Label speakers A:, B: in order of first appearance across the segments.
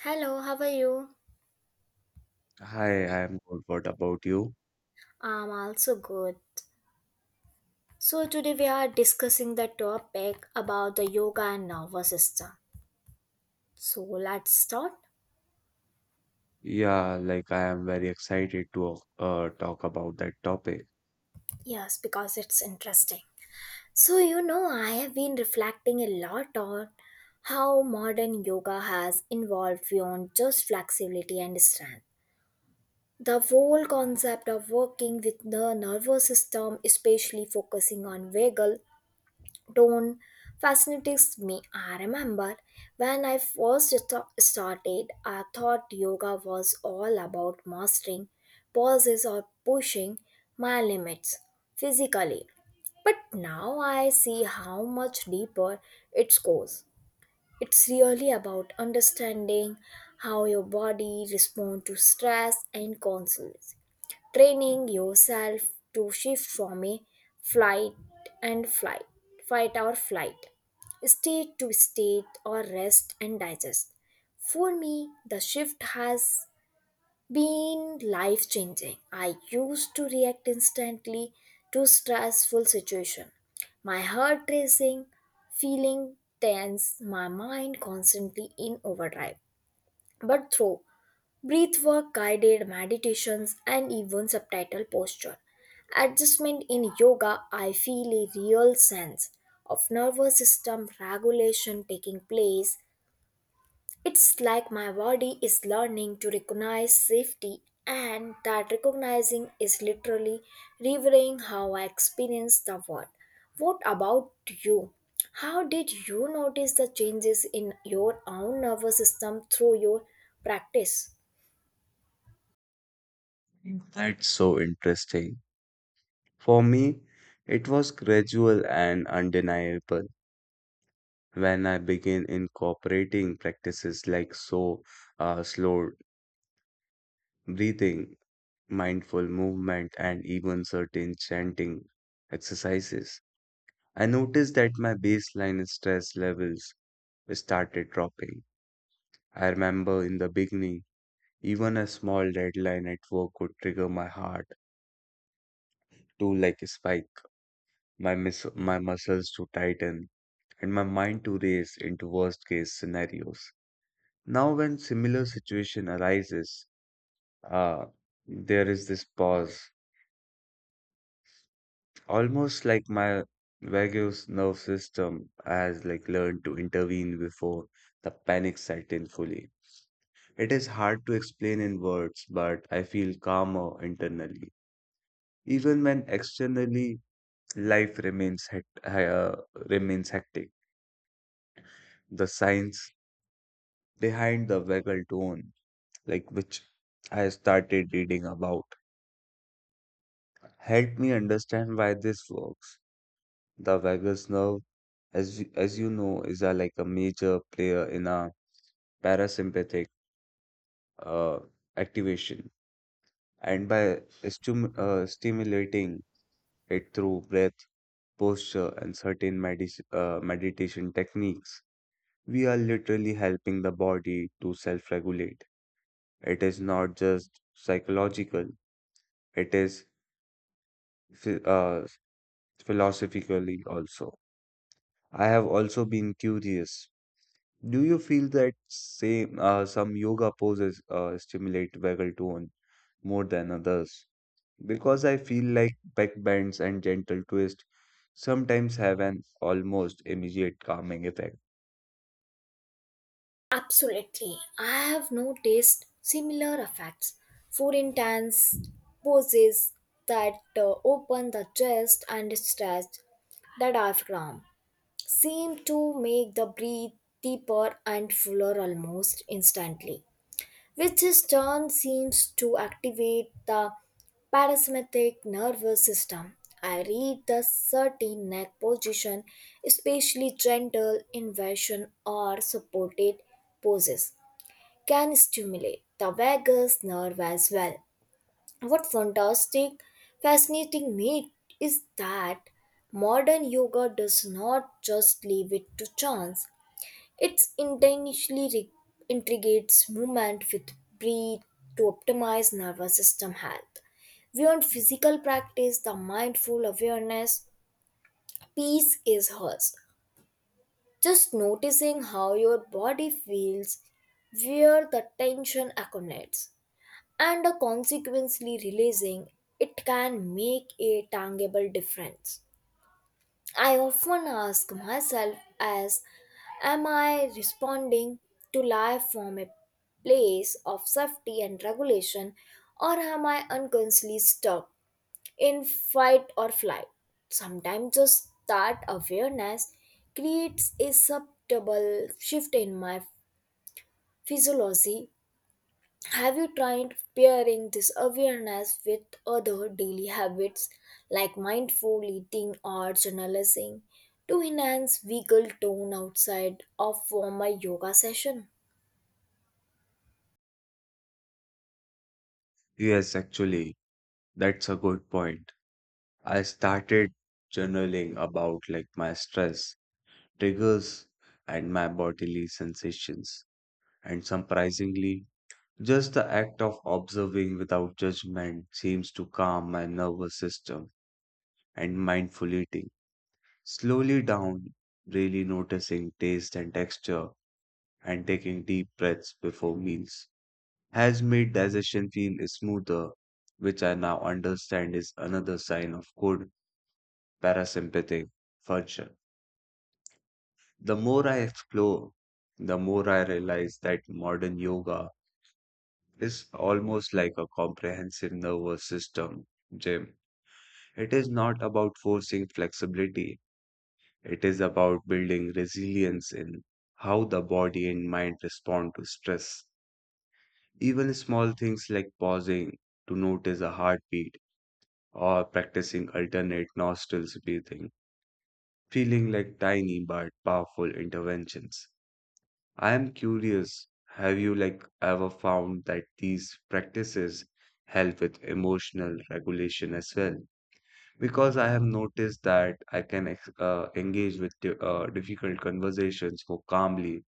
A: Hello, how are you?
B: Hi, I am good. What about you?
A: I'm also good. So, today we are discussing the topic about the yoga and nervous system. So, let's start.
B: Yeah, I am very excited to talk about that topic.
A: Yes, because it's interesting. So, you know, I have been reflecting a lot on how modern yoga has evolved beyond just flexibility and strength. The whole concept of working with the nervous system, especially focusing on vagal tone fascinates me. I remember when I first started, I thought yoga was all about mastering poses or pushing my limits physically. But now I see how much deeper it goes. It's really about understanding how your body responds to stress and constraints training yourself to shift from a flight and flight, fight or flight, state to state, or rest and digest. For me, the shift has been life changing. I used to react instantly to stressful situation. My heart racing, feeling tense, my mind constantly in overdrive. But through Breathwork, guided meditations, and even subtitle posture adjustment in yoga, I feel a real sense of nervous system regulation taking place. It's like my body is learning to recognize safety, and that recognizing is literally revealing how I experience the world. What about you? How did you notice the changes in your own nervous system through your practice?
B: That's so interesting. For me, it was gradual and undeniable when I began incorporating practices like slow breathing, mindful movement, and even certain chanting exercises. I noticed that my baseline stress levels started dropping. I remember in the beginning. Even a small deadline at work could trigger my heart to spike, my muscles to tighten, and my mind to race into worst case scenarios. Now, when similar situation arises, uh, there is this pause, almost like my vagus nerve system has learned to intervene before the panic set in fully. It is hard to explain in words, but I feel calmer internally. Even when externally life remains hectic. The science behind the vagal tone, which I started reading about, helped me understand why this works. The vagus nerve, as you know, is a major player in our parasympathetic uh, activation, and by stum stimulating it through breath, posture, and certain medis meditation techniques, we are literally helping the body to self regulate. It is not just psychological, it is phi- uh, philosophically also. I have also been curious. Do you feel that same some yoga poses stimulate vagal tone more than others? Because I feel like back bends and gentle twist sometimes have an almost immediate calming effect.
A: Absolutely. I have noticed similar effects. Four intense poses that open the chest and stretch the diaphragm seem to make the breath deeper and fuller almost instantly, which in turn seems to activate the parasympathetic nervous system. I read the certain neck position, especially gentle inversion or supported poses can stimulate the vagus nerve as well. What fantastic, fascinating me is that modern yoga does not just leave it to chance. It intentionally integrates movement with breath to optimize nervous system health. Beyond physical practice, the mindful awareness piece is hers. Just noticing how your body feels, where the tension accumulates, and consequently releasing it can make a tangible difference. I often ask myself as am I responding to life from a place of safety and regulation or am I unconsciously stuck in fight or flight? Sometimes just that awareness creates a subtle shift in my physiology. Have you tried pairing this awareness with other daily habits like mindful eating or journalizing to enhance vehicle tone outside of formal yoga session?
B: Yes, actually, that's a good point. I started journaling about my stress, triggers, and my bodily sensations. And surprisingly, just the act of observing without judgment seems to calm my nervous system and mindful eating. Slowly down, really noticing taste and texture and taking deep breaths before meals has made digestion feel smoother, which I now understand is another sign of good parasympathetic function. The more I explore, the more I realize that modern yoga is almost like a comprehensive nervous system gym. It is not about forcing flexibility, it is about building resilience in how the body and mind respond to stress. Even small things like pausing to notice a heartbeat or practicing alternate nostrils breathing, feeling like tiny but powerful interventions. I'm curious, have you ever found that these practices help with emotional regulation as well? Because I have noticed that I can ex engage with difficult conversations more calmly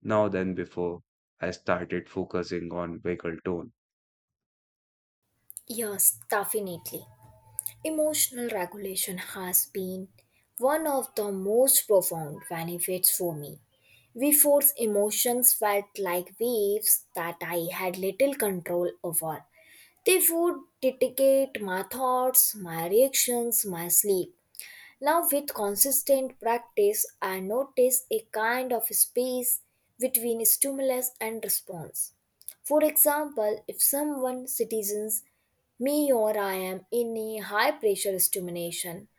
B: now than before I started focusing on vocal tone.
A: Yes, definitely. Emotional regulation has been one of the most profound benefits for me. Before emotions felt like waves that I had little control over. They would dictate my thoughts, my reactions, my sleep. Now, with consistent practice, I notice a kind of space between stimulus and response. For example, if someone citizens me or I am in a high pressure stimulation,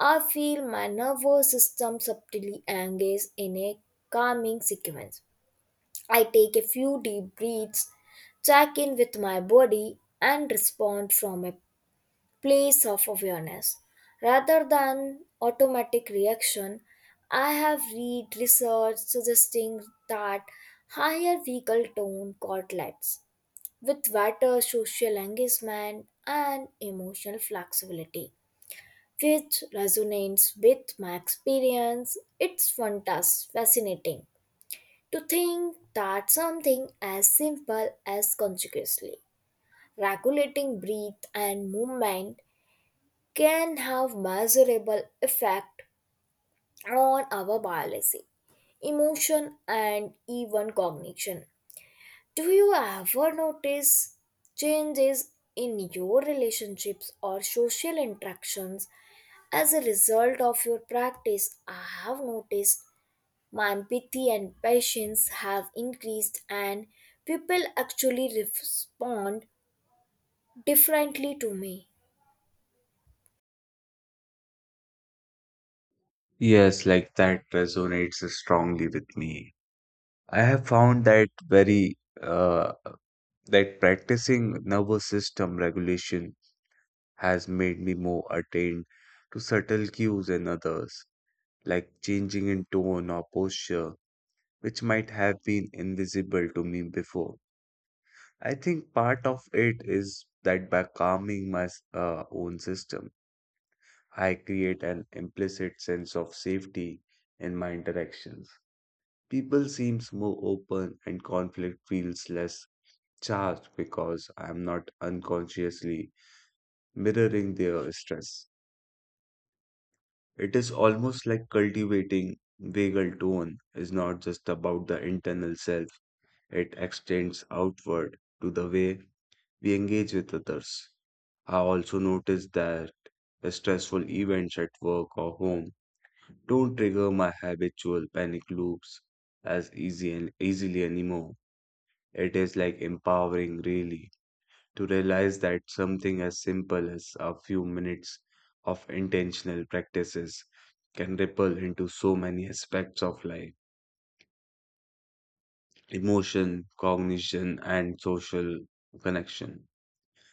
A: I feel my nervous system subtly engaged in a calming sequence. I take a few deep breaths, check in with my body, and respond from a place of awareness. Rather than automatic reaction, I have read research suggesting that higher vehicle tone correlates with better social engagement and emotional flexibility, which resonates with my experience. It's fantastic, fascinating to think that something as simple as consciously regulating breath and movement can have measurable effect on our biology, emotion and even cognition. Do you ever notice changes in your relationships or social interactions as a result of your practice? I have noticed my empathy and patience have increased, and people actually respond differently to me.
B: Yes, that resonates strongly with me. I have found that practicing nervous system regulation has made me more attuned to subtle cues in others, like changing in tone or posture, which might have been invisible to me before. I think part of it is that by calming my own system, I create an implicit sense of safety in my interactions. People seems more open and conflict feels less charged because I'm not unconsciously mirroring their stress. It is almost like cultivating vagal tone is not just about the internal self, it extends outward to the way we engage with others. I also noticed that the stressful events at work or home don't trigger my habitual panic loops as easy and easily anymore. It is like empowering really to realize that something as simple as a few minutes of intentional practices can ripple into so many aspects of life emotion, cognition, and social connection.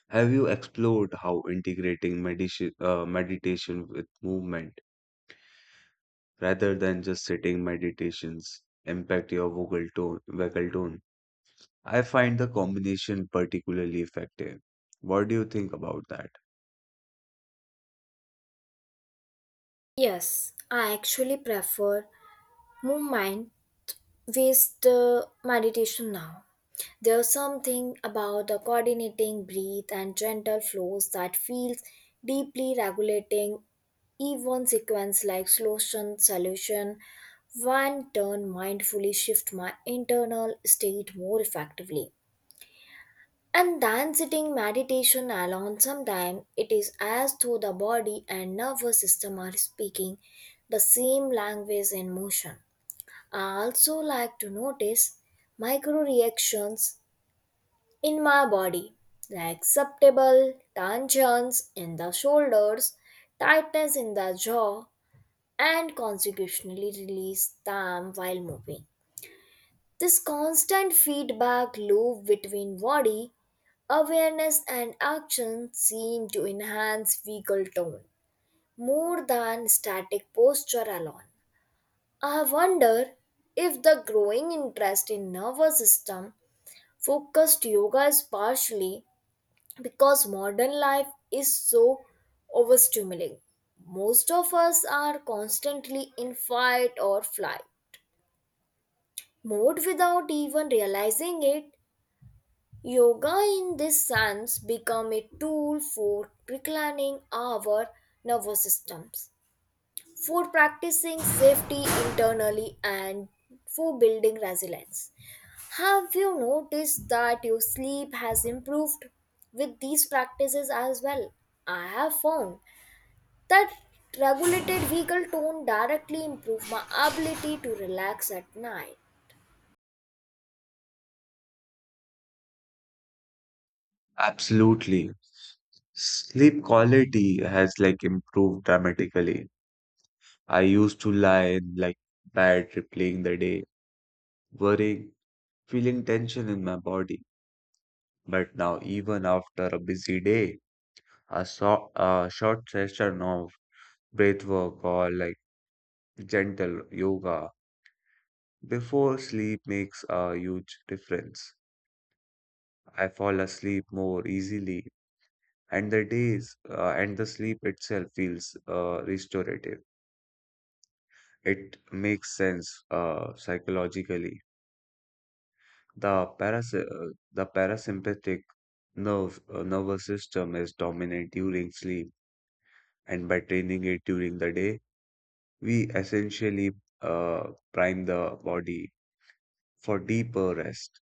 B: Have you explored how integrating meditation with movement rather than just sitting meditations impact your vocal tone? I find the combination particularly effective. What do you think about that?
A: Yes, I actually prefer movement based meditation now. There's something about the coordinating breath and gentle flows that feels deeply regulating, even sequence like slow sun solution. One turn mindfully shift my internal state more effectively. And then sitting meditation alone sometimes it is as though the body and nervous system are speaking the same language and motion. I also like to notice micro reactions in my body like acceptable tensions in the shoulders, tightness in the jaw, and consequently release them while moving. This constant feedback loop between body awareness and action seem to enhance vehicle tone more than static posture alone. I wonder if the growing interest in nervous system focused yoga is partially because modern life is so overstimulating. Most of us are constantly in fight or flight mode without even realizing it. Yoga in this sense become a tool for reclaiming our nervous systems, for practicing safety internally and for building resilience. Have you noticed that your sleep has improved with these practices as well? I have found that regulated vehicle tone directly improve my ability to relax at night.
B: Absolutely. Sleep quality has improved dramatically. I used to lie in bed replaying the day, worrying, feeling tension in my body. But now, even after a busy day, a short session of breath work or gentle yoga before sleep makes a huge difference. I fall asleep more easily, and the days and the sleep itself feels restorative. It makes sense psychologically. The paras uh, the parasympathetic nerve nervous system is dominant during sleep, and by training it during the day, we essentially uh, prime the body for deeper rest.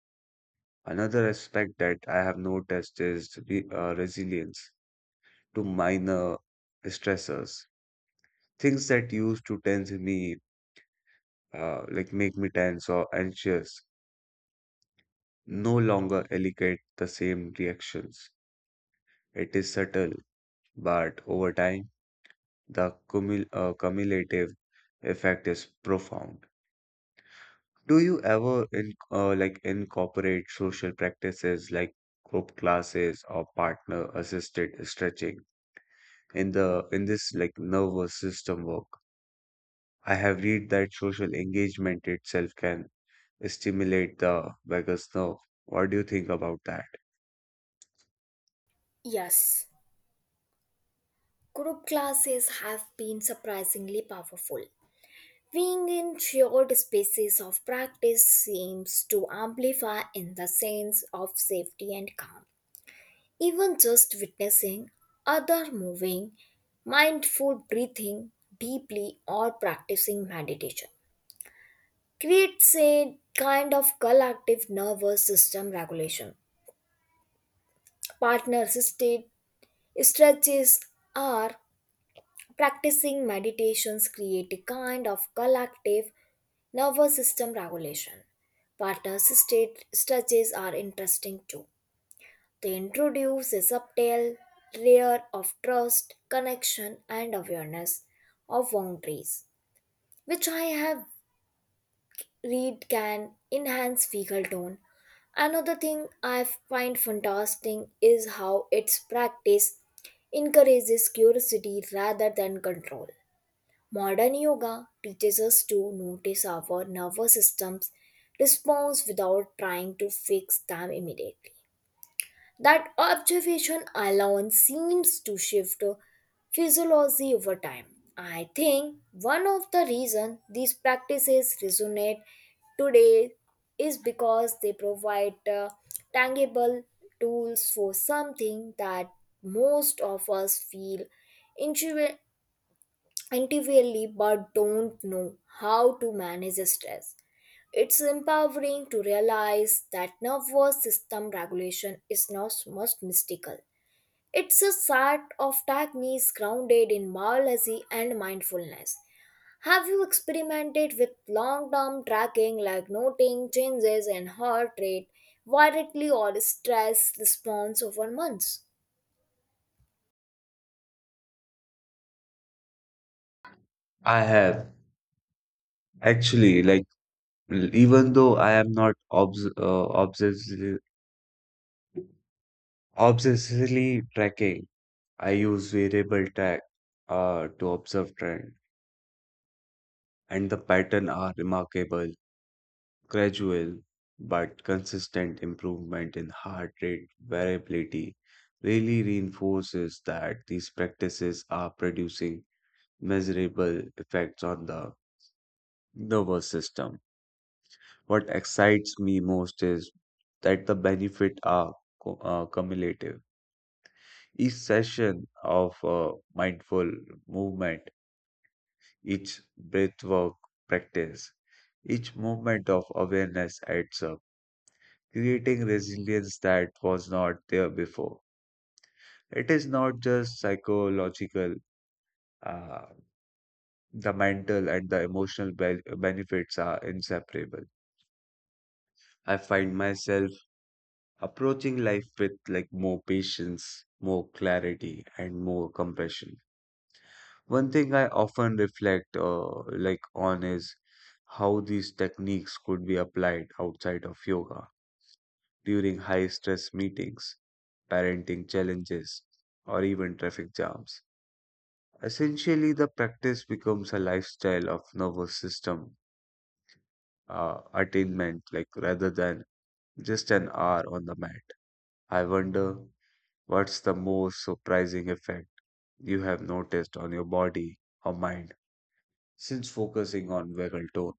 B: Another aspect that I have noticed is re resilience to minor stressors, things that used to tense me, make me tense or anxious no longer elicit the same reactions. It is subtle, but over time, the cumulative effect is profound. Do you ever in, like incorporate social practices like group classes or partner assisted stretching in the in this like nervous system work? I have read that social engagement itself can stimulate the vagus nerve. What do you think about that?
A: Yes, group classes have been surprisingly powerful. Being in shared spaces of practice seems to amplify in the sense of safety and calm. Even just witnessing other moving, mindful breathing deeply, or practicing meditation creates a kind of collective nervous system regulation. Partner assisted stretches are practicing meditations create a kind of collective nervous system regulation. Partner state stretches are interesting too. They introduce a subtle layer of trust, connection, and awareness of boundaries, which I have read can enhance fecal tone. Another thing I find fantastic is how its practice encourages curiosity rather than control. Modern yoga teaches us to notice our nervous system's response without trying to fix them immediately. That observation alone seems to shift physiology over time. I think one of the reasons these practices resonate today is because they provide tangible tools for something that most of us feel intuitively intimately but don't know how to manage stress. It's empowering to realize that nervous system regulation is not most mystical. It's a set of techniques grounded in biology and mindfulness. Have you experimented with long term tracking like noting changes in heart rate, variability, or stress response over months?
B: I have actually Even though I am not obsessively tracking, I use variable track to observe trend, and the pattern are remarkable, gradual but consistent improvement in heart rate variability really reinforces that these practices are producing measurable effects on the nervous system. What excites me most is that the benefits are cumulative. Each session of mindful movement, each breathwork practice, each moment of awareness adds up, creating resilience that was not there before. It is not just psychological, uh, the mental and the benefits are inseparable. I find myself approaching life with more patience, more clarity, and more compassion. One thing I often reflect on is how these techniques could be applied outside of yoga during high stress meetings, parenting challenges, or even traffic jams. Essentially, the practice becomes a lifestyle of nervous system attainment, rather than just an hour on the mat. I wonder what's the most surprising effect you have noticed on your body or mind since focusing on vagal tone.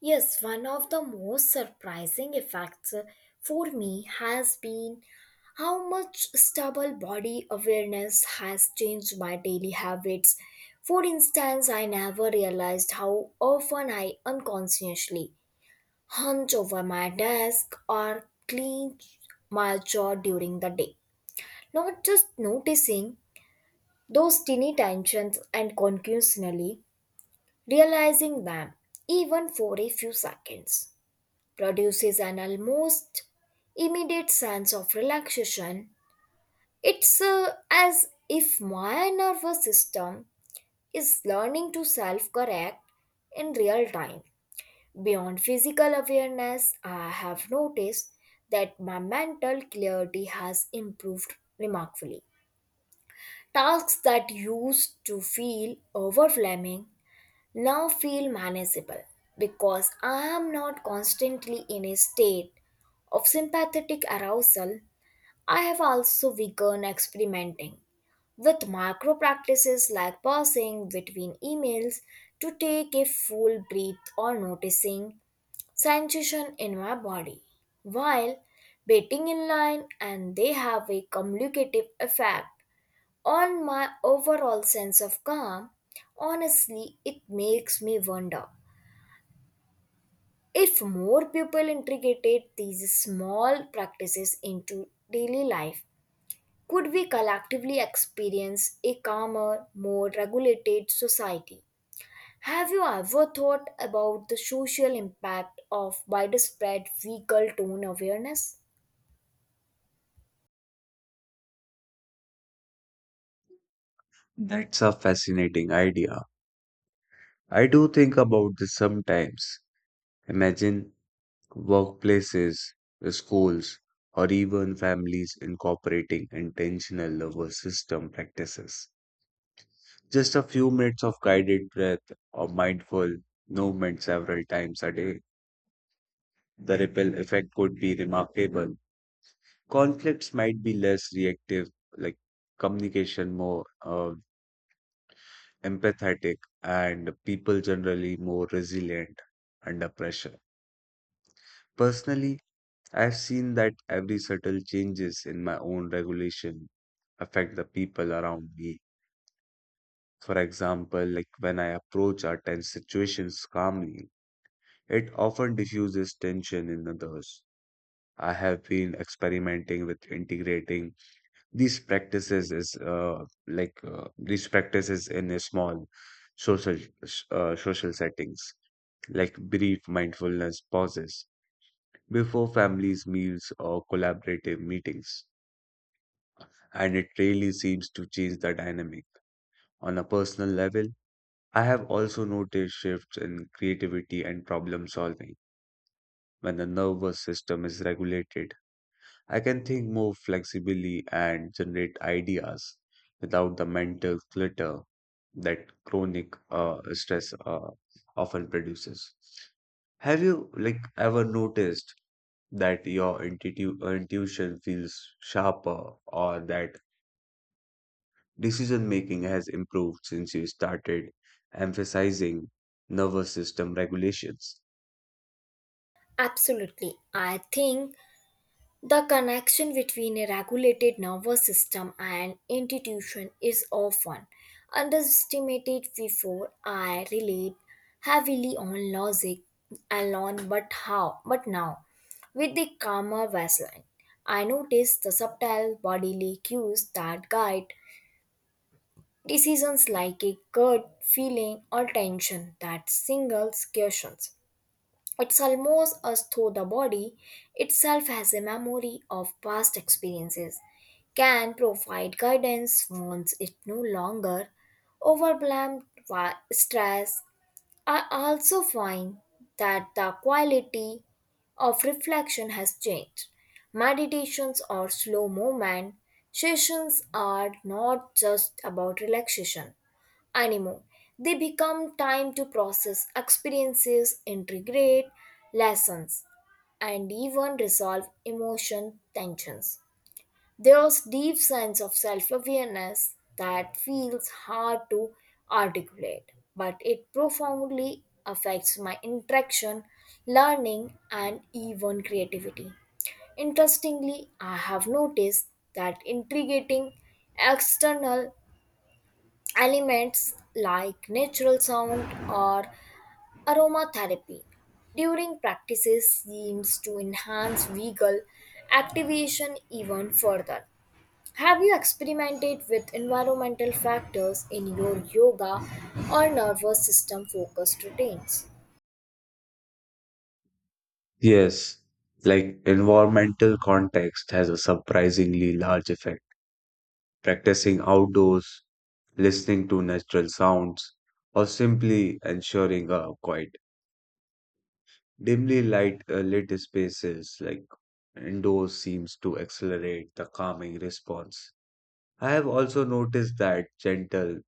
A: Yes, one of the most surprising effects for me has been how much stubble body awareness has changed my daily habits. For instance, I never realized how often I unconsciously hunch over my desk or clench my jaw during the day. Not just noticing those tiny tensions and continuously realizing them, even for a few seconds produces an almost immediate sense of relaxation. It's as if my nervous system is learning to self correct in real time. Beyond physical awareness, I have noticed that my mental clarity has improved remarkably. Tasks that used to feel overwhelming now feel manageable because I am not constantly in a state of sympathetic arousal. I have also begun experimenting with macro practices like pausing between emails to take a full breath or noticing sensation in my body while waiting in line, and they have a cumulative effect on my overall sense of calm. Honestly, it makes me wonder if more people integrated these small practices into daily life, could we collectively experience a calmer, more regulated society? Have you ever thought about the social impact of widespread vehicle tone awareness?
B: That's a fascinating idea. I do think about this sometimes. Imagine workplaces, schools, or even families incorporating intentional nervous system practices. Just a few minutes of guided breath or mindful movement several times a day. The ripple effect could be remarkable. Conflicts might be less reactive, like communication more empathetic, and people generally more resilient under pressure. Personally, I've seen that every subtle changes in my own regulation affect the people around me. For example, when I approach our tense situations calmly, it often diffuses tension in others. I have been experimenting with integrating these practices in a small social social settings like brief mindfulness pauses before families' meals or collaborative meetings, and it really seems to change the dynamic. On a personal level, I have also noticed shifts in creativity and problem solving. When the nervous system is regulated, I can think more flexibly and generate ideas without the mental clutter that chronic stress often produces. Have you ever noticed that your intuition feels sharper or that decision making has improved since you started emphasizing nervous system regulations?
A: Absolutely. I think the connection between a regulated nervous system and institution is often underestimated. Before I relied heavily on logic alone, but now with the calmer baseline I notice the subtle bodily cues that guide decisions like a gut feeling or tension that singles questions. It's almost as though the body itself has a memory of past experiences, can provide guidance once it no longer overwhelmed by stress. I also find that the quality of reflection has changed. Meditations or slow movement sessions are not just about relaxation anymore. They become time to process experiences, integrate lessons, and even resolve emotion tensions. There's deep sense of self-awareness that feels hard to articulate, but it profoundly affects my interaction, learning, and even creativity. Interestingly, I have noticed that integrating external elements like natural sound or aromatherapy during practices seems to enhance vagal activation even further. Have you experimented with environmental factors in your yoga or nervous system focused routines?
B: Yes, environmental context has a surprisingly large effect. Practicing outdoors, listening to natural sounds, or simply ensuring a quiet, dimly light lit spaces indoors seems to accelerate the calming response. I have also noticed that gentle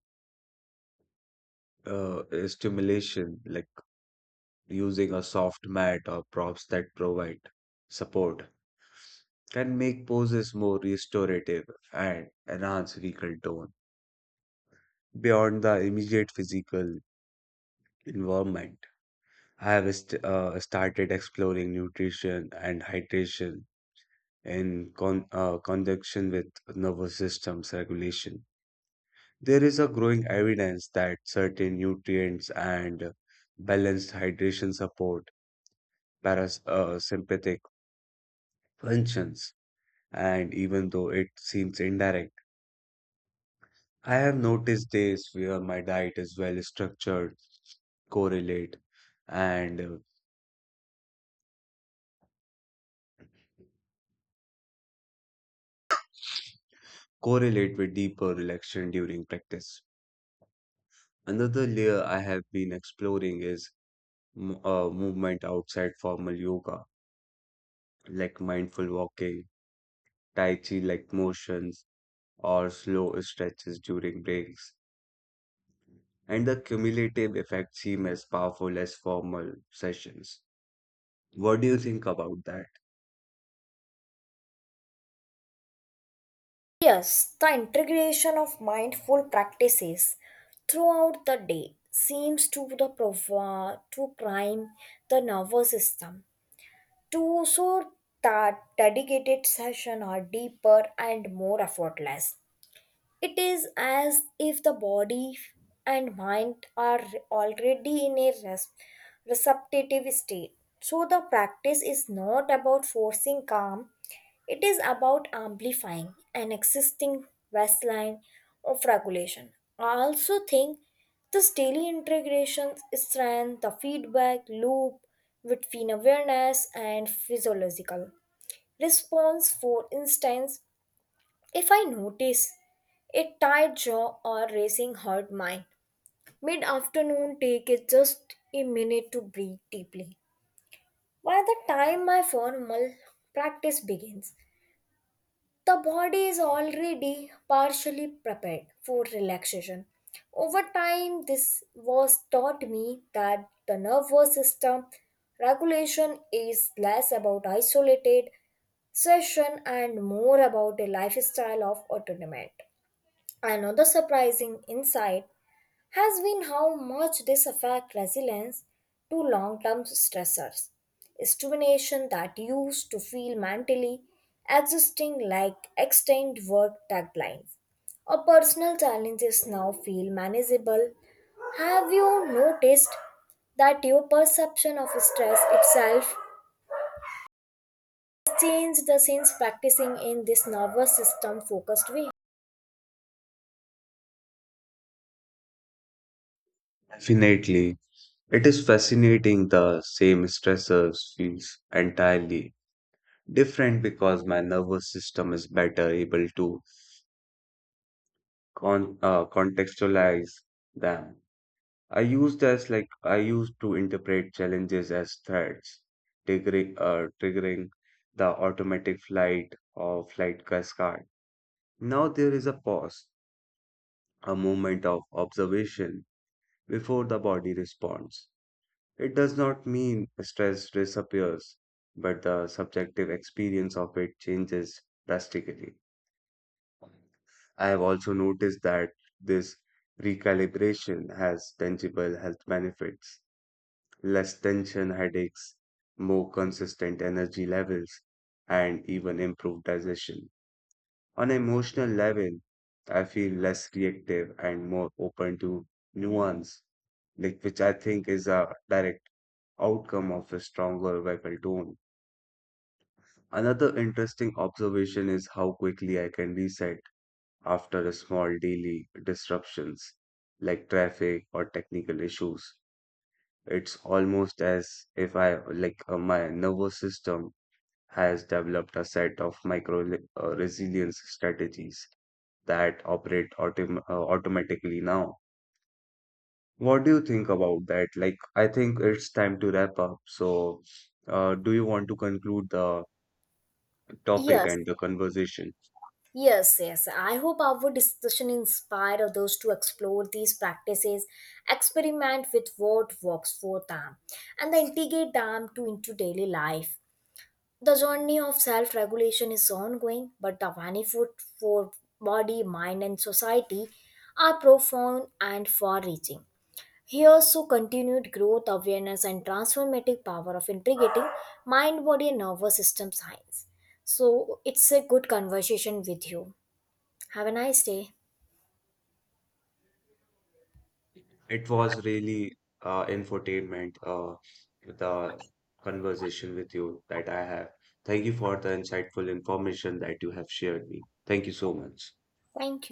B: uh, stimulation, like using a soft mat or props that provide support, can make poses more restorative and enhance vocal tone. Beyond the immediate physical environment, I have started exploring nutrition and hydration in conjunction with nervous system's regulation. There is a growing evidence that certain nutrients and balanced hydration support parasympathetic functions, and even though it seems indirect, I have noticed days where my diet is well structured, correlate, and uh, correlate with deeper relaxation during practice. Another layer I have been exploring is movement outside formal yoga, like mindful walking, tai chi like motions or slow stretches during breaks, and the cumulative effect seem as powerful as formal sessions. What do you think about that?
A: Yes, the integration of mindful practices throughout the day seems to to prime the nervous system to so that dedicated session are deeper and more effortless. It is as if the body and mind are already in a receptive state. So, the practice is not about forcing calm, it is about amplifying an existing baseline of regulation. I also think this daily integration strengthens the feedback loop between awareness and physiological response. For instance, if I notice a tired jaw or racing heart mind, mid afternoon take it just a minute to breathe deeply. By the time my formal practice begins, the body is already partially prepared for relaxation. Over time, this was taught me that the nervous system regulation is less about isolated session and more about a lifestyle of autonomy. Another surprising insight has been how much this affects resilience to long term stressors. Stimulation that used to feel mentally existing like extended work deadlines or personal challenges now feel manageable. Have you noticed that your perception of stress itself changed since practicing in this nervous system focused way?
B: Definitely. It is fascinating the same stressors feels entirely different because my nervous system is better able to contextualize them. I used to interpret challenges as threats, triggering the automatic flight or flight cascade. Now there is a pause, a moment of observation before the body responds. It does not mean stress disappears, but the subjective experience of it changes drastically. I have also noticed that this recalibration has tangible health benefits less tension headaches, more consistent energy levels, and even improved digestion. On an emotional level, I feel less reactive and more open to nuance, which I think is a direct outcome of a stronger vocal tone. Another interesting observation is how quickly I can reset after a small daily disruptions like traffic or technical issues. It's almost as if I like my nervous system has developed a set of micro resilience strategies that operate automatically now. What do you think about that? I think it's time to wrap up. So, do you want to conclude the topic
A: Yes,
B: and the conversation?
A: Yes, yes. I hope our discussion inspired others to explore these practices, experiment with what works for them, and then integrate them to into daily life. The journey of self-regulation is ongoing, but the benefit for body, mind, and society are profound and far-reaching. Here's to continued growth, awareness, and transformative power of integrating mind, body, and nervous system science. So it's a good conversation with you. Have a nice day.
B: It was really infotainment, the conversation with you that I have. Thank you for the insightful information that you have shared me. Thank you so much.
A: Thank you.